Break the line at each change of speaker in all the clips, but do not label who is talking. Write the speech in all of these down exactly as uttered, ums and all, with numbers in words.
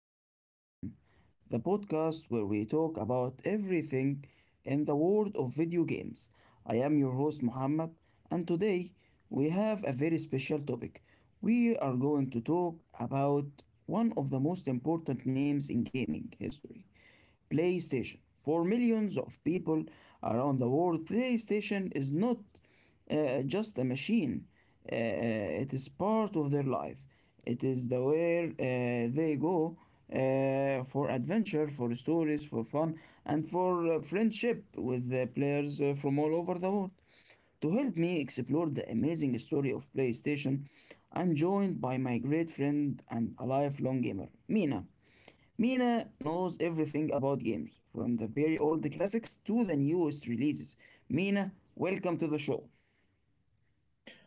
to Game On, the podcast where we talk about everything in the world of video games. I am your host Muhammad, and today we have a very special topic. We are going to talk about one of the most important names in gaming history. PlayStation. For millions of people around the world, PlayStation is not uh, just a machine. Uh, uh, it is part of their life. It is the where uh, they go uh, for adventure, for stories, for fun, and for uh, friendship with the players uh, from all over the world. To help me explore the amazing story of PlayStation, I'm joined by my great friend and a lifelong gamer, Mina. Mina knows everything about games, from the very old classics to the newest releases. Mina, welcome to the show.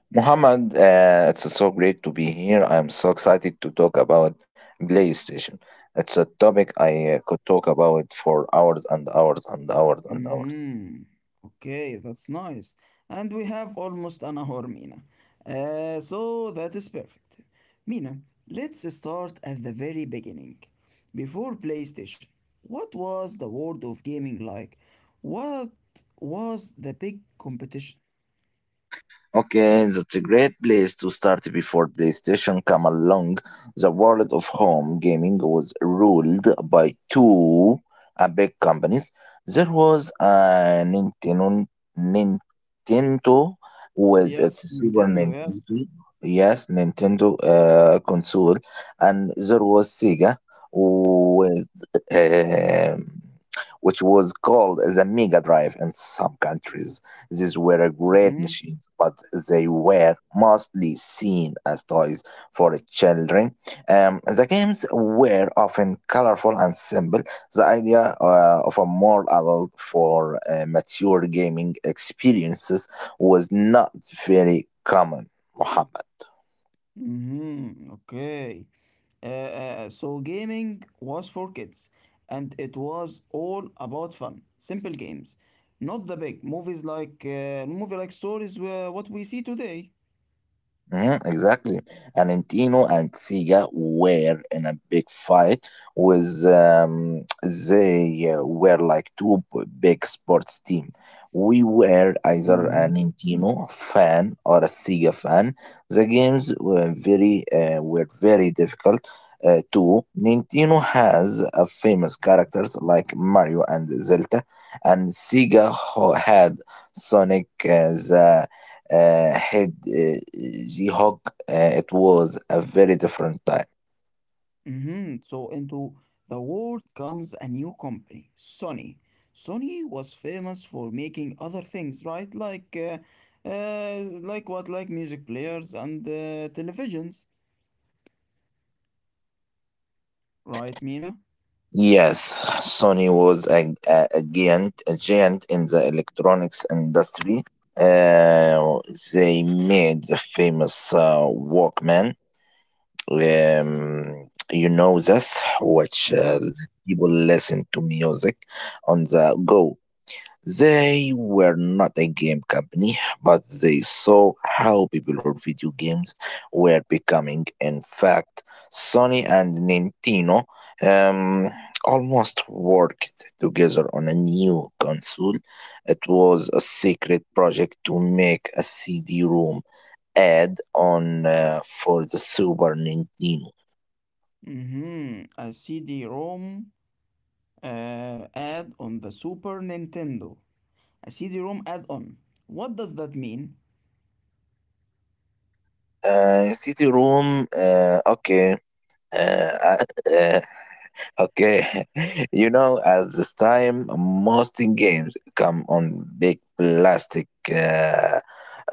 Muhammad, uh, it's so great to be here. I'm so excited to talk about PlayStation. It's a topic I uh, could talk about for hours and hours and hours and hours.
Mm-hmm. Okay, that's nice. And we have almost an hour, Mina. Uh, so that is perfect. Mina, let's start at the very beginning. Before PlayStation, what was the world of gaming like? What was the big competition?
Okay, that's a great place to start before PlayStation came along. The world of home gaming was ruled by two uh, big companies. There was uh, Nintendo, Nintendo with its
Yes,
Super
Nintendo, yes.
Nintendo, yes, Nintendo uh, console, and there was Sega with um which was called the Mega Drive in some countries. These were great
Mm-hmm.
machines, but they were mostly seen as toys for children. Um, the games were often colorful and simple. The idea uh, of a more adult for uh, mature gaming experiences was not very common, Muhammad.
Mm-hmm. Okay. Uh, uh, so gaming was for kids, and it was all about fun, simple games, not the big movies like uh, movie like stories were what we see today.
Mhm, exactly. Argentino and Sega were in a big fight with um, they uh, were like two b- big sports team. We were either a
hmm
Nintendo fan or a Sega fan. The games were very uh, were very difficult uh, too. Nintendo has a famous characters like Mario and Zelda, and Sega ho- had Sonic uh, the uh, had uh, She-Hulk, uh, it was a very different time.
hmm So into the world comes a new company, Sony. Sony was famous for making other things, right? Like, uh, uh, like what? Like music players and uh, televisions, right, Mina?
Yes, Sony was a, a, a giant, a giant in the electronics industry. Uh, they made the famous uh, Walkman. Um, you know this, which uh,
Yes.
people listen to music on the go. They were not a game company, but they saw how popular video games were becoming. In fact, Sony and Nintendo um, almost worked together on a new console. It was a secret project to make a C D ROM add on uh, for the Super Nintendo.
Mm-hmm. A C D-ROM uh, add on the Super Nintendo, a C D-ROM add-on. What does that mean?
Uh, C D ROM, uh, okay. Uh, Okay, you know, at this time, most in games come on big plastic uh,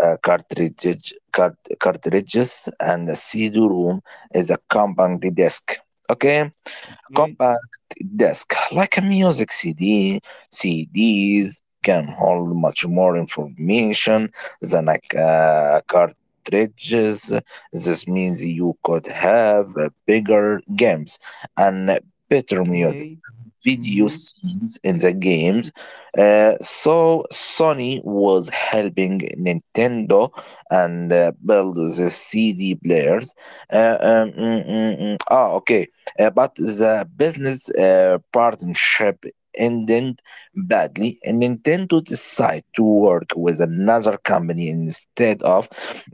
uh, cartridge, cart, cartridges, and the C D-ROM is accompanying the disk. Okay,
Okay,
compact disc, like a music C D, C Ds can hold much more information than a ca- cartridges. This means you could have uh, bigger games and better music
okay.
video
Mm-hmm.
scenes in the games. Uh, so Sony was helping Nintendo and uh, build the C D players. Uh, um, mm, mm, mm. Ah, okay. Uh, but the business uh, partnership ended badly, and Nintendo decided to work with another company instead of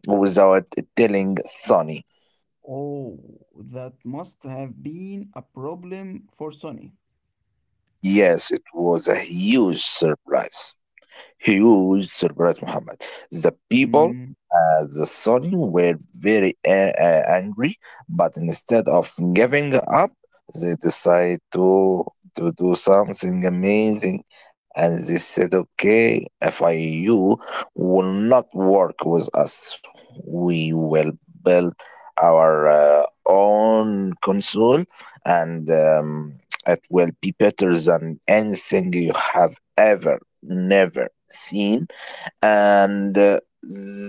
without telling Sony.
Oh, that must have been a problem for Sony.
Yes, it was a huge surprise. Huge surprise, Muhammad. The people
Mm.
at the Sunni were very a- a- angry, but instead of giving up, they decide to to do something amazing. And they said, okay, if I you will not work with us, we will build our uh, own console and um, it will be better than anything you have ever never seen. And uh,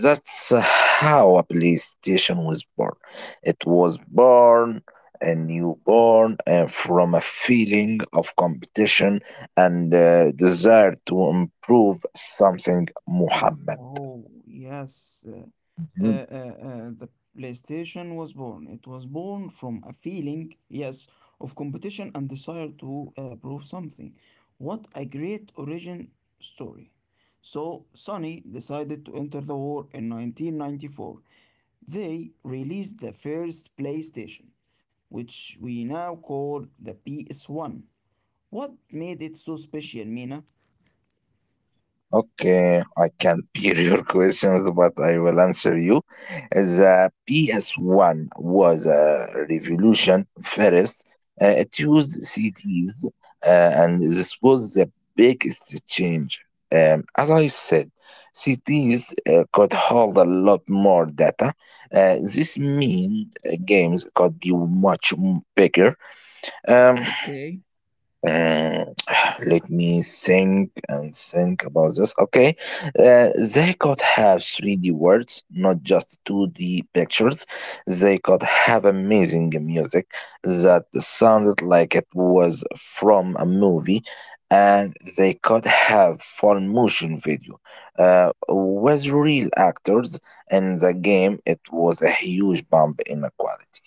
that's how a PlayStation was born. It was born a newborn uh, from a feeling of competition and uh, desire to improve something, Muhammad.
Oh, yes. Uh, uh, uh, uh, the PlayStation was born. It was born from a feeling, yes, of competition and desire to uh, prove something. What a great origin story. So, Sony decided to enter the war in nineteen ninety-four. They released the first PlayStation, which we now call the P S one. What made it so special, Mina?
Okay, I can peer your questions, but I will answer you. The P S one was a revolution first. Uh, it used C Ds, uh, and this was the biggest change. Um, as I said, C Ds uh, could hold a lot more data. Uh, this means uh, games could be much m- bigger. Um,
Okay.
Mm, let me think and think about this. Okay, uh, they could have three D words, not just two D pictures. They could have amazing music that sounded like it was from a movie, and they could have full motion video uh, with real actors in the game. It was a huge bump in the quality.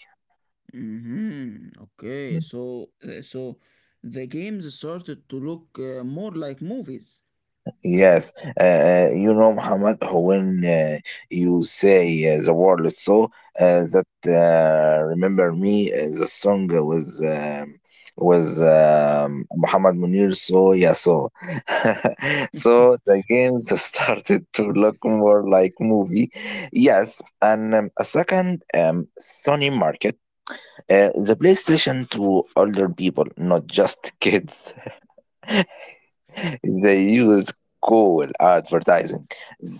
Mhm. Okay, so uh, so the games started to look uh, more like movies.
Yes, uh, uh, you know, Muhammad, when uh, you say uh, the word so, uh, that uh, remember me, uh, the song was um, was um, Muhammad Munir, so yeah, so. So the games started to look more like movie. Yes, and um, a second, um, Sony Market, uh, the PlayStation to older people, not just kids. They use cool advertising.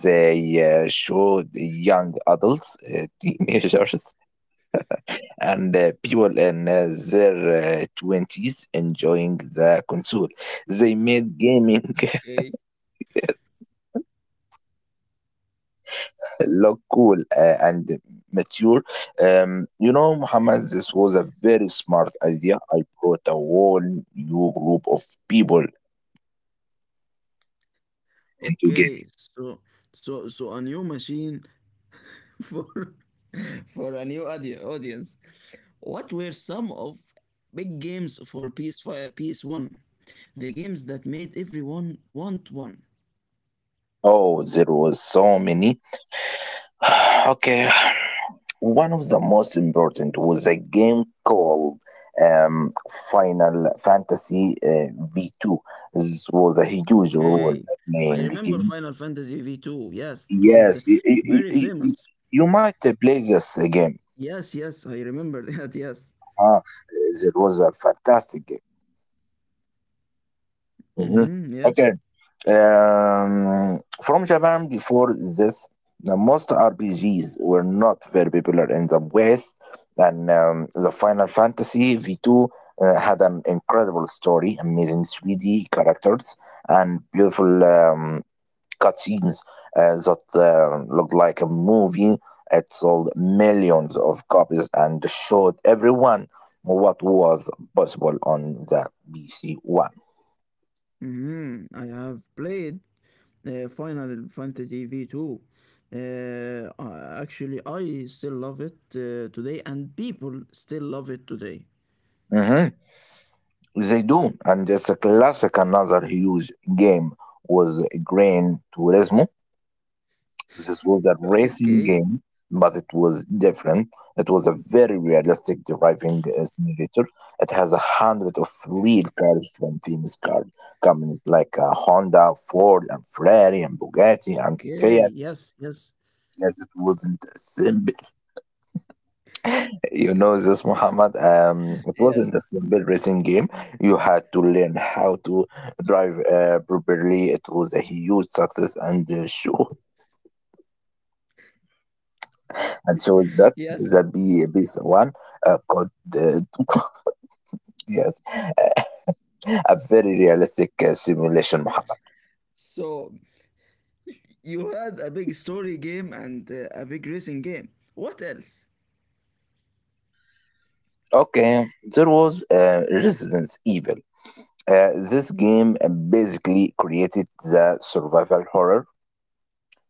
They uh, showed young adults, uh, teenagers, and uh, people in uh, their uh, twenties enjoying the console. They made gaming
Okay,
yes, look cool uh, and mature. Um, you know, Muhammad, this was a very smart idea. I brought a whole new group of people into
okay.
gaming.
So so so a new machine for for a new audi- audience. What were some of big games for P S five, P S one? The games that made everyone want one.
Oh, there was so many. Okay, one of the most important was a game called um, Final Fantasy uh, V two. This was a huge role
Okay, I
playing
remember
game.
Final Fantasy V two. Yes, it was
Yes, y- y- y-
very
y- y-
famous.
you might uh, play this uh, game.
Yes, yes, I remember that. Yes.
Huh? It was a fantastic game. Mhm.
Mm-hmm, yes.
Okay, Um, from Japan before this, the most R P Gs were not very popular in the West, and um, the Final Fantasy V two uh, had an incredible story, amazing three D characters, and beautiful um, cutscenes uh, that uh, looked like a movie. It sold millions of copies and showed everyone what was possible on the P C One.
Mhm, I have played uh, Final Fantasy V two. Uh, uh, actually, I still love it uh, today, and people still love it today.
Hmm, they do, and it's a classic. Another huge game was Gran Turismo. This was a racing
Okay.
game, but it was different. It was a very realistic driving uh, simulator. It has a hundred of real cars from famous car companies like uh, Honda, Ford, and Ferrari, and Bugatti, and
Okay,
Fiat.
yes, yes.
Yes, it wasn't a simple. You know this, Muhammad. Um, it wasn't a
Yes.
simple racing game. You had to learn how to drive uh, properly. It was a huge success and uh, show. And so
Yes.
that that be piece one uh, could uh, yes a very realistic uh, simulation, Muhammad.
So you had a big story game and uh, a big racing game. What else?
Okay, there was uh, Resident Evil. Uh, this game uh, basically created the survival horror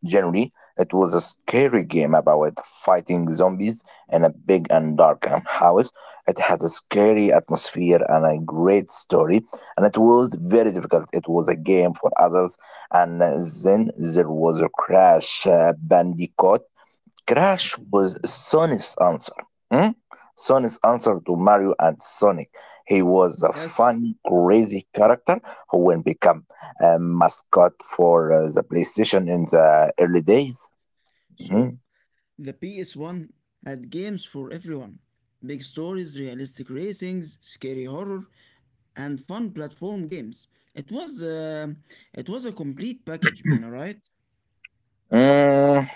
generally, it was a scary game about fighting zombies in a big and dark house. It had a scary atmosphere and a great story, and it was very difficult. It was a game for adults, and then there was a Crash uh, Bandicoot. Crash was Sonic's answer. Hmm? Sonic's answer to Mario and Sonic. He was a
Yes.
funny, crazy character who will become a mascot for uh, the PlayStation in the early days.
So
Mhm.
the P S one had games for everyone. Big stories, realistic racings, scary horror, and fun platform games. It was uh, it was a complete package, Mina, right?
Mm,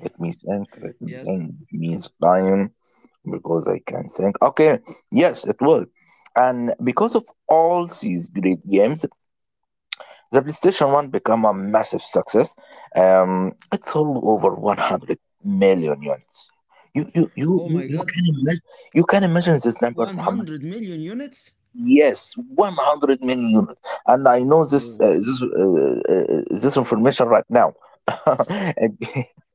let me think, let me
Yes.
think, give me the time because I can think. Okay, yes, it will. And because of all these great games, the PlayStation one became a massive success. Um, it sold over one hundred million units. You, you, you,
Oh
you,
my
you
God,
can imagine, you can imagine this number, Muhammad.
one hundred million units.
Yes, one hundred million units, and I know this
Oh,
uh, this uh, uh, this information right now. And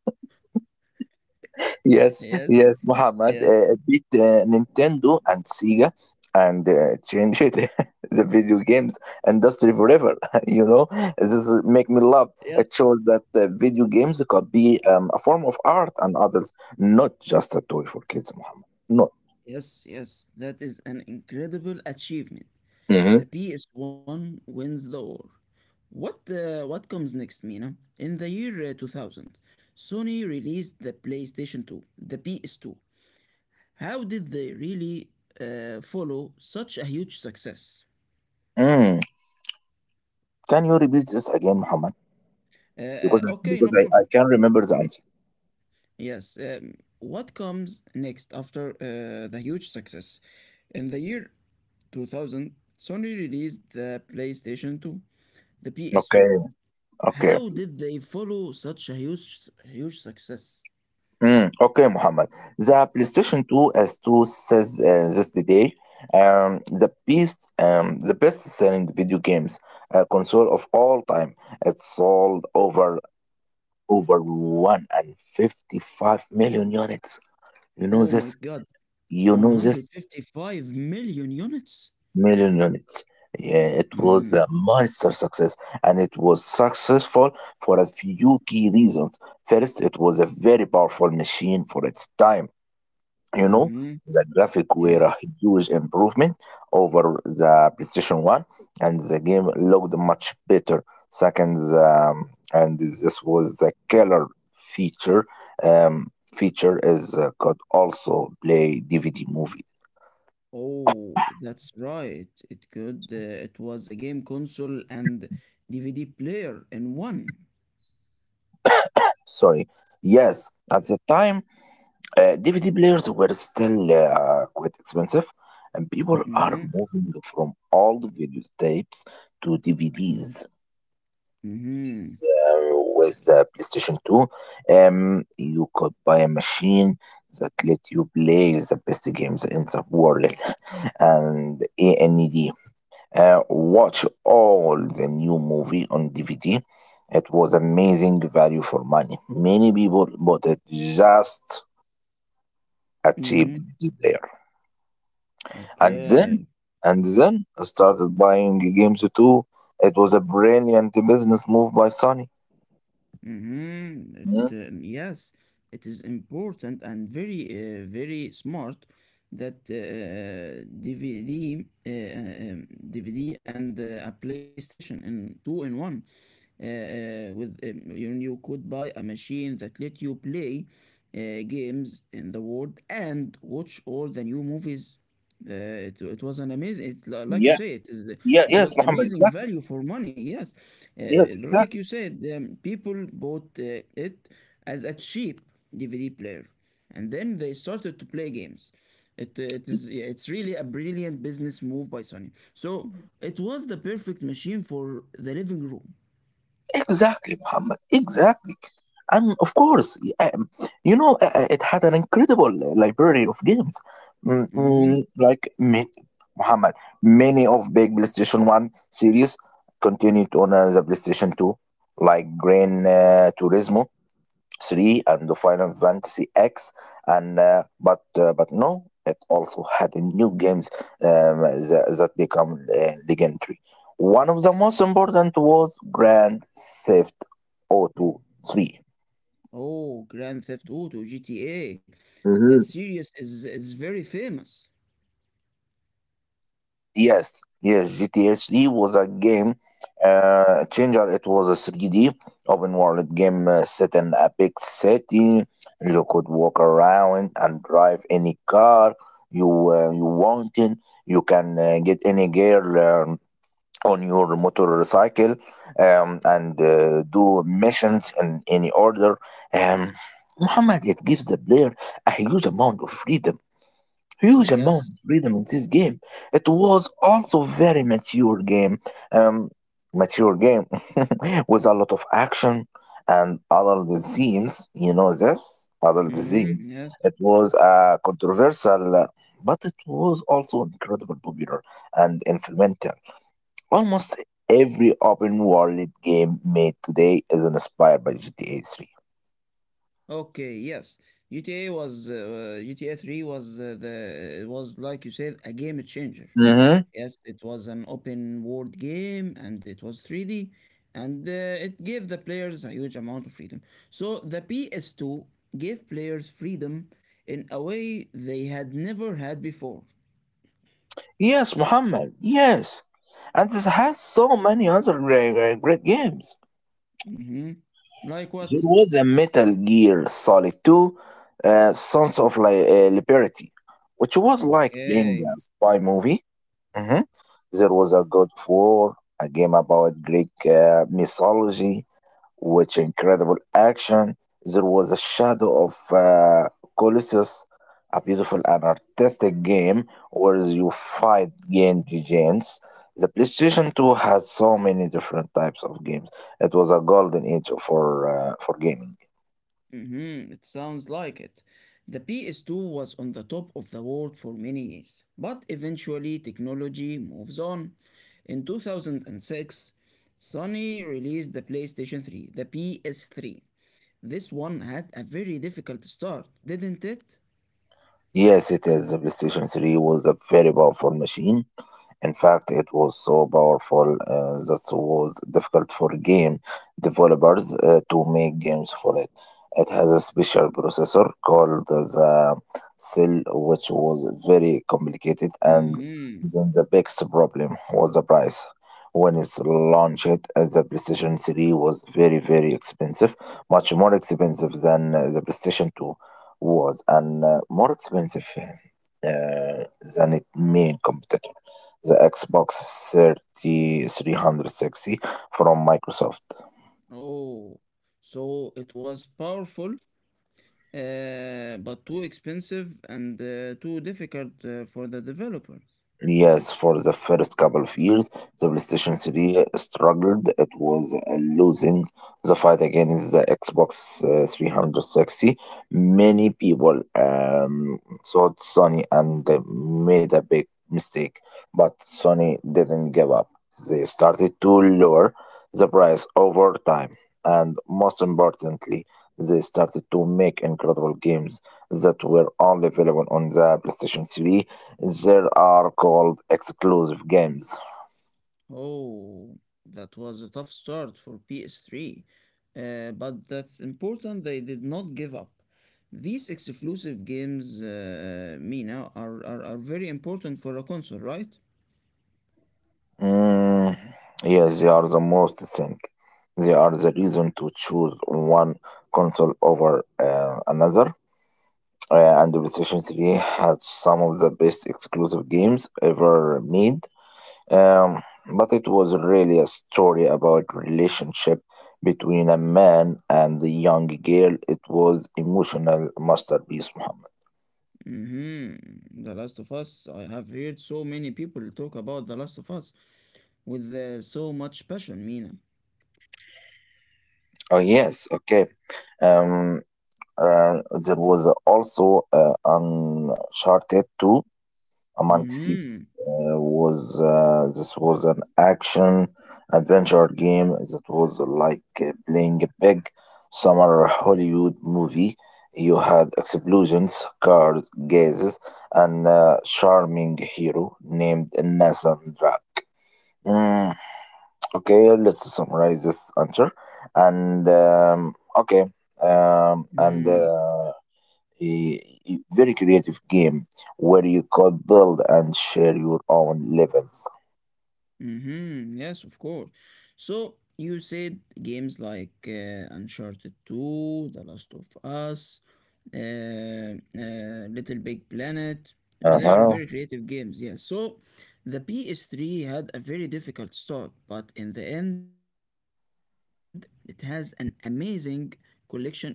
yes,
yes,
yes, Muhammad
yes,
uh, beat uh, Nintendo and Sega and uh, changed it, the video games industry forever. You know, this make me laugh.
yes,
It shows that uh, video games could be um, a form of art and others, not just a toy for kids, Muhammad. No.
yes, yes. That is an incredible achievement.
Mm-hmm.
The P S one wins the war. What uh, what comes next, Mina? In the year uh, two thousand, Sony released the PlayStation two, the P S two. How did they really uh, follow such a huge success?
Mm. Can you repeat this again, Muhammad?
Uh, uh,
Because
okay, no
because I,
problem.
I can not remember the answer.
Yes. Um, what comes next after uh, the huge success? In the year two thousand, Sony released the PlayStation two, the P S two.
Okay, okay.
How did they follow such a huge, huge success?
Mm, okay, Muhammad. The PlayStation two as two says uh, this today, um, the best um, the best selling video games uh, console of all time. It sold over over one hundred fifty-five million units. You know
Oh my
this?
God,
You know this?
one hundred fifty-five million units?
Million units. Yeah, it was
Mm.
a monster success, and it was successful for a few key reasons. First, it was a very powerful machine for its time, you know,
Mm-hmm.
the graphic were a
Yes.
huge improvement over the PlayStation one and the game looked much better. Second, um, and this was the killer feature, um, feature is uh, could also play D V D movie.
Oh, that's right. It could. Uh, it was a game console and D V D player in one.
Sorry, yes, at the time uh, D V D players were still uh, quite expensive and people are
Mm-hmm.
moving from old video tapes to D V Ds
Mm-hmm.
uh, with uh, PlayStation two, um, you could buy a machine that let you play the best games in the world and a.nd Uh, watch all the new movie on D V D. It was amazing value for money. Many people bought it just a cheap
Mm-hmm.
D V D player. And then,
Okay.
and then I started buying games too. It was a brilliant business move by Sony.
Mm-hmm. It,
Mm.
um, yes, it is important and very, uh, very smart that uh, D V D, uh, uh, um, D V D and uh, a PlayStation in two in one. Uh, with um, you you could buy a machine that let you play uh, games in the world and watch all the new movies. Uh, it, it was an amazing, it, li- like you say, it is
Yeah,
it
yes,
was
Muhammad,
amazing
exactly.
value for money. Yes,
Yes,
uh, like you
exactly.
said, um, people bought uh, it as a cheap D V D player, and then they started to play games. It, uh, it is Yeah, it's really a brilliant business move by Sony. So it was the perfect machine for the living room.
Exactly, Muhammad, exactly. And of course, y- eh, um, you know, uh, uh, it had an incredible uh, library of games. Mm,
hmm
mm, like, ma- Muhammad, many of big PlayStation one series continued on uh, the PlayStation two, like Gran uh, Turismo three and the Final Fantasy X and uh, but uh, but no it also had new games um, tha- that become uh, legendary. One of the most important was Grand Theft Auto three.
Oh, Grand Theft Auto, G T A. That series is is very famous.
Yes, yes, G T H D was a game uh, changer. It was a three D open world game uh, set in a big city. You could walk around and drive any car you uh, you wanted. You can uh, get any girl um, on your motorcycle um, and uh, do missions in any order. Um, Muhammad, it gives the player a huge amount of freedom, huge
Yes.
amount of freedom in this game. It was also very mature game, um, mature game with a lot of action and adult themes. You know this adult
Hmm.
themes.
Yes.
It was uh, controversial, uh, but it was also incredibly popular and influential. Almost every open world game made today is inspired by G T A
Okay. Yes. G T A was uh, G T A Three was uh, the it was like you said a game changer.
three.
Yes, it was an open world game and it was three D and uh, it gave the players a huge amount of freedom. So the P S two gave players freedom in a way they had never had before.
Yes, Muhammad. Yes, and this has so many other uh, uh, great games.
Hmm. Like
There
what?
was a Metal Gear Solid two, uh, Sons of Li- uh, Liberty, which was like playing
Okay.
a spy movie. Mhm. There was a God of War, a game about Greek uh, mythology, which incredible action. There was a Shadow of uh, Colossus, a beautiful and artistic game where you fight against giants. The PlayStation two had so many different types of games. It was a golden age for uh, for gaming.
Hmm. It sounds like it. The P S two was on the top of the world for many years, but eventually technology moves on. In two thousand six, Sony released the PlayStation three, the P S three. This one had a very difficult start, didn't it?
Yes, it is. The PlayStation three was a very powerful machine. In fact, it was so powerful uh, that was difficult for game developers uh, to make games for it. It has a special processor called the Cell, which was very complicated, and
Mm-hmm.
then the biggest problem was the price. When it's launched, uh, the PlayStation three was very, very expensive, much more expensive than uh, the PlayStation two was, and uh, more expensive uh, than its main competitor the Xbox three thousand three hundred sixty from Microsoft.
Oh, so it was powerful, uh, but too expensive and uh, too difficult uh, for the developers.
Yes, for the first couple of years, the PlayStation three struggled. It was uh, losing the fight against the Xbox uh, three hundred sixty. Many people um, thought Sony and uh, made a big mistake, but Sony didn't give up. They started to lower the price over time, and most importantly, they started to make incredible games that were only available on the PlayStation three there are called exclusive games.
Oh, that was a tough start for P S three, uh, but that's important they did not give up. These exclusive games, uh, uh, Mina, are, are, are very important for a console, right?
Mm, yes, they are the most thing. They are the reason to choose one console over uh, another. Uh, and the PlayStation three had some of the best exclusive games ever made. Um, but it was really a story about relationship between a man and a young girl. It was emotional masterpiece, Muhammad.
Mm-hmm. The Last of Us. I have heard so many people talk about The Last of Us with uh, so much passion, Mina.
Oh yes, okay. Um, uh, there was also uh, Uncharted two. Among thieves
Mm-hmm.
uh, was uh, this was an action adventure game that was like uh, playing a big summer Hollywood movie. You had explosions, cars, gases, and a charming hero named Nathan Drake. Mm, okay, let's summarize this answer. And um, okay, um, and
Mm.
uh, a a very creative game where you could build and share your own levels.
Mm-hmm. Yes, of course. So you said games like uh, Uncharted two, The Last of Us, uh, uh, Little Big Planet. Well,
Uh
they are
huh.
very creative games, yes. So the P S three had a very difficult start, but in the end, it has an amazing collection of games that saved it.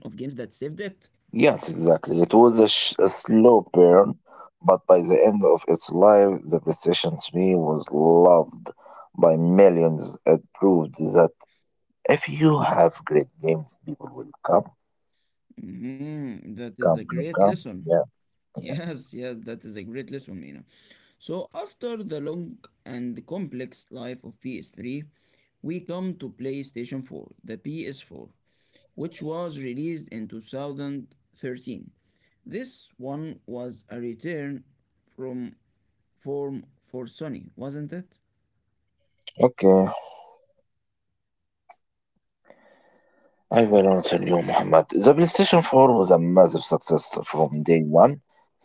Yes, exactly. It was a, sh- a slow burn, but by the end of its life, the PlayStation three was loved by millions. It proved that if you have great games, people will come,
Mm-hmm. That is a
come, come,
great
come.
lesson.
Yeah, yes.
Yes, yes, that is a great lesson, Mina. So, after the long and complex life of P S three, we come to PlayStation four, the P S four, which was released in two thousand thirteen. This one was a return from form for Sony, wasn't it?
Okay. I will answer you, Muhammad. The PlayStation four was a massive success from day one.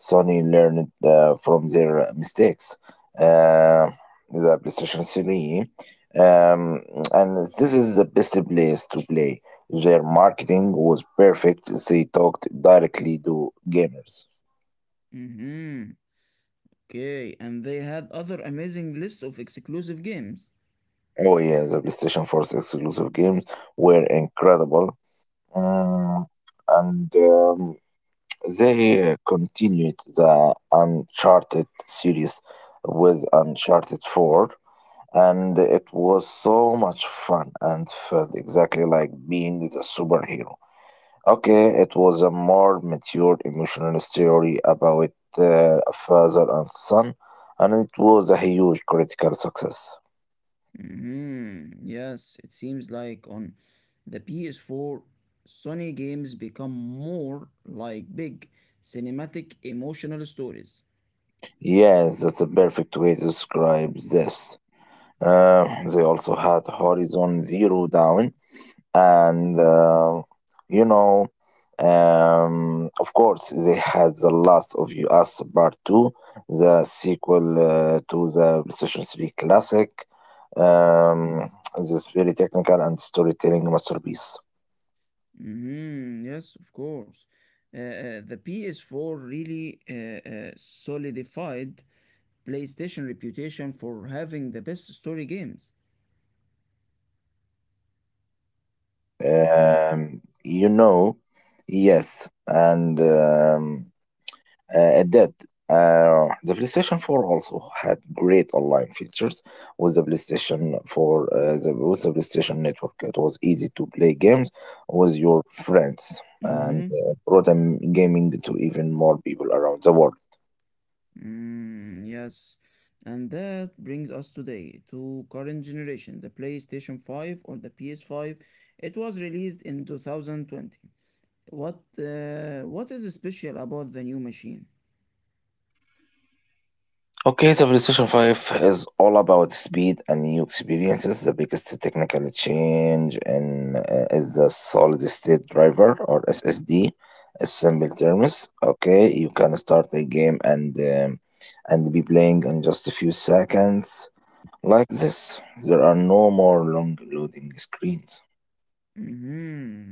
Sony learned uh, from their mistakes. Uh, the PlayStation three, um, and this is the best place to play. Their marketing was perfect. They talked directly to gamers.
Mm-hmm. Okay, and they had other amazing list of exclusive games.
Oh yeah, the PlayStation four's exclusive games were incredible. Mm, and um, They uh, continued the Uncharted series with Uncharted four, and it was so much fun and felt exactly like being the superhero. Okay, it was a more mature emotional story about uh, a father and son, and it was a huge critical success.
Mhm. Yes, it seems like on the P S four, Sony games become more like big cinematic emotional stories.
Yes, that's a perfect way to describe this. Uh, they also had Horizon Zero Dawn, and uh, you know um, of course they had the last of us part two the sequel uh, to the playstation three classic um, this very technical and storytelling masterpiece.
Mhm. Yes, of course. Uh, uh, the P S four really uh, uh, solidified PlayStation reputation for having the best story games.
um, you know yes, and um, Uh, at that, uh, the PlayStation four also had great online features with the PlayStation four, uh, the, with the PlayStation Network. It was easy to play games with your friends and
Mhm.
uh, brought um, gaming to even more people around the world.
Mm. Yes. And that brings us today to current generation, the PlayStation five or the P S five. It was released in two thousand twenty. What uh, what is special about the new machine?
Okay, the PlayStation five is all about speed and new experiences. The biggest technical change in, uh, is the solid state driver or S S D, in simple terms. Okay, you can start a game and um, and be playing in just a few seconds like this. There are no more long loading screens.
hmm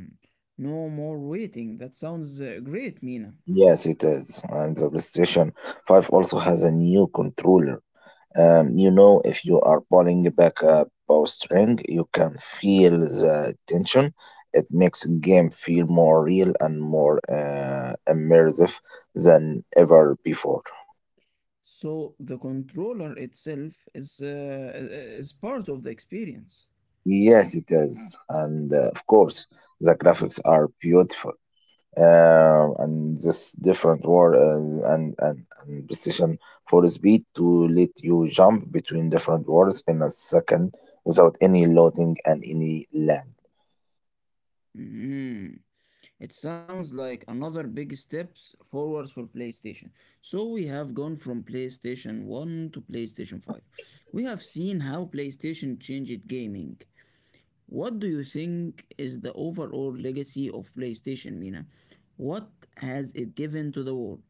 No more waiting. That sounds uh, great, Mina.
Yes, it is. And the PlayStation five also has a new controller. Um, you know, if you are pulling back a bowstring, you can feel the tension. It makes the game feel more real and more uh, immersive than ever before.
So the controller itself is uh, i- is part of the experience.
Yes, it is. And uh, of course, the graphics are beautiful. Um, and this different war uh, and, and, and precision for speed to let you jump between different worlds in a second without any loading and any lag.
Mhm. It sounds like another big step forward for PlayStation. So we have gone from PlayStation one to PlayStation five. We have seen how PlayStation changed gaming. What do you think is the overall legacy of PlayStation, Mina? What has it given to the world?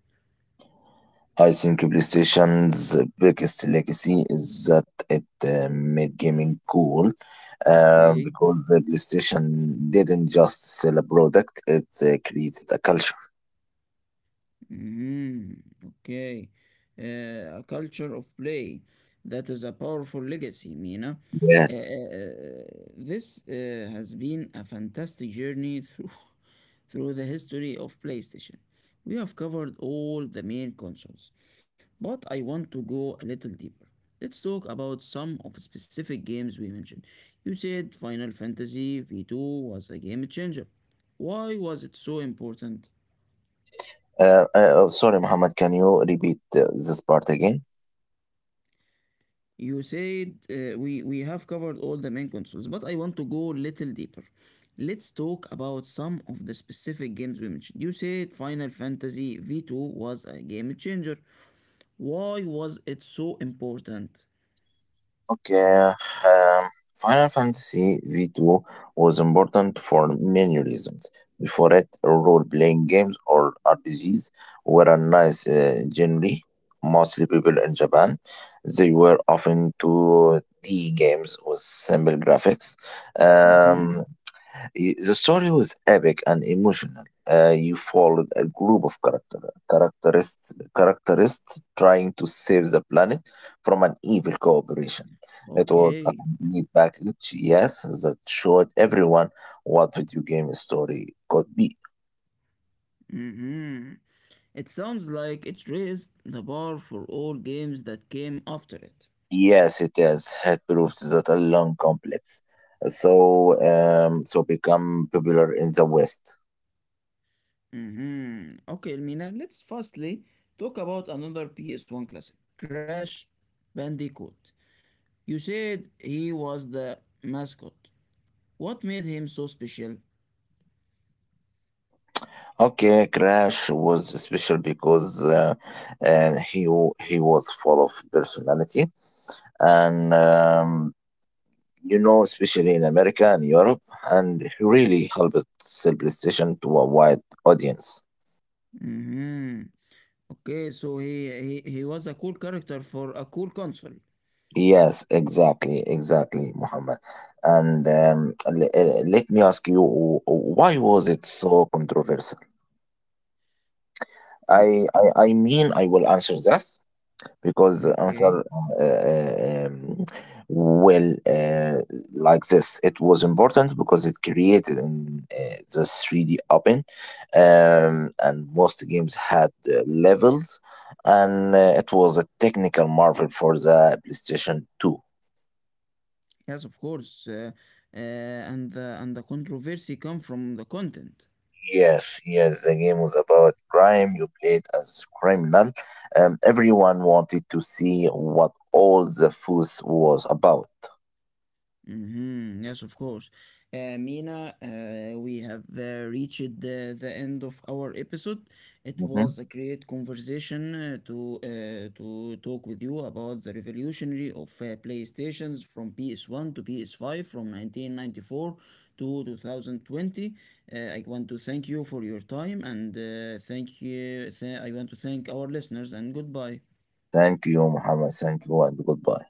I think PlayStation's biggest legacy is that it uh, made gaming cool um,
Okay.
because the PlayStation didn't just sell a product, it uh, created a culture.
Mm. Okay. Uh, a culture of play. That is a powerful legacy, Mina. Uh, uh,
Yes.
uh, this uh, has been a fantastic journey through, through the history of PlayStation. We have covered all the main consoles, but I want to go a little deeper. Let's talk about some of the specific games we mentioned. You said Final Fantasy V two was a game changer. Why was it so important?
Uh, uh, sorry, Muhammad, can you repeat uh, this part again?
You said uh, we we have covered all the main consoles, but I want to go a little deeper. Let's talk about some of the specific games we mentioned. You said Final Fantasy V two was a game changer. Why was it so important?
Okay, um, Final Fantasy V two was important for many reasons. Before it, role playing games or R P Gs were a nice uh, genre, mostly people in Japan. They were often two D games with simple graphics.
Hmm.
Um, Y- The story was epic and emotional. Uh, you followed a group of character, characterists, characterists trying to save the planet from an evil corporation. It was a
Okay.
complete package, yes, that showed everyone what video game story could be.
Hmm. It sounds like it raised the bar for all games that came after it.
Yes, it is. It proves that a long complex, so um, so become popular in the West.
Hmm. Okay, Mina. Let's firstly talk about another P S one classic, Crash Bandicoot. You said he was the mascot. What made him so special?
Okay, Crash was special because uh, uh, he w- he was full of personality, and um, you know, especially in America and Europe, and he really helped sell PlayStation to a wide audience.
Hmm. Okay, so he, he he was a cool character for a cool console.
Yes, exactly, exactly, Muhammad. And um, l- uh, let me ask you, wh- why was it so controversial?
Be-
I, I I mean, I will answer that, because the answer
okay.
uh, uh, um, well uh, like this it was important because it created in uh, the three d open um, and most games had uh, levels and uh, it was a technical marvel for the playstation two.
Yes, of course. Uh, uh, and the and the controversy come from the content.
Yes, yes, the game was about crime. You played as criminal. Um, everyone wanted to see what all the fuss was about.
Mhm. Yes, of course. Uh, Mina, uh, we have uh, reached the, the end of our episode. It
Mhm.
was a great conversation uh, to uh, to talk with you about the revolutionary of uh, PlayStations from P S one to P S five from nineteen ninety-four to two thousand twenty. Uh, I want to thank you for your time and uh, thank you. Th- I want to thank our listeners and goodbye.
Thank you, Muhammad. Thank you, and goodbye.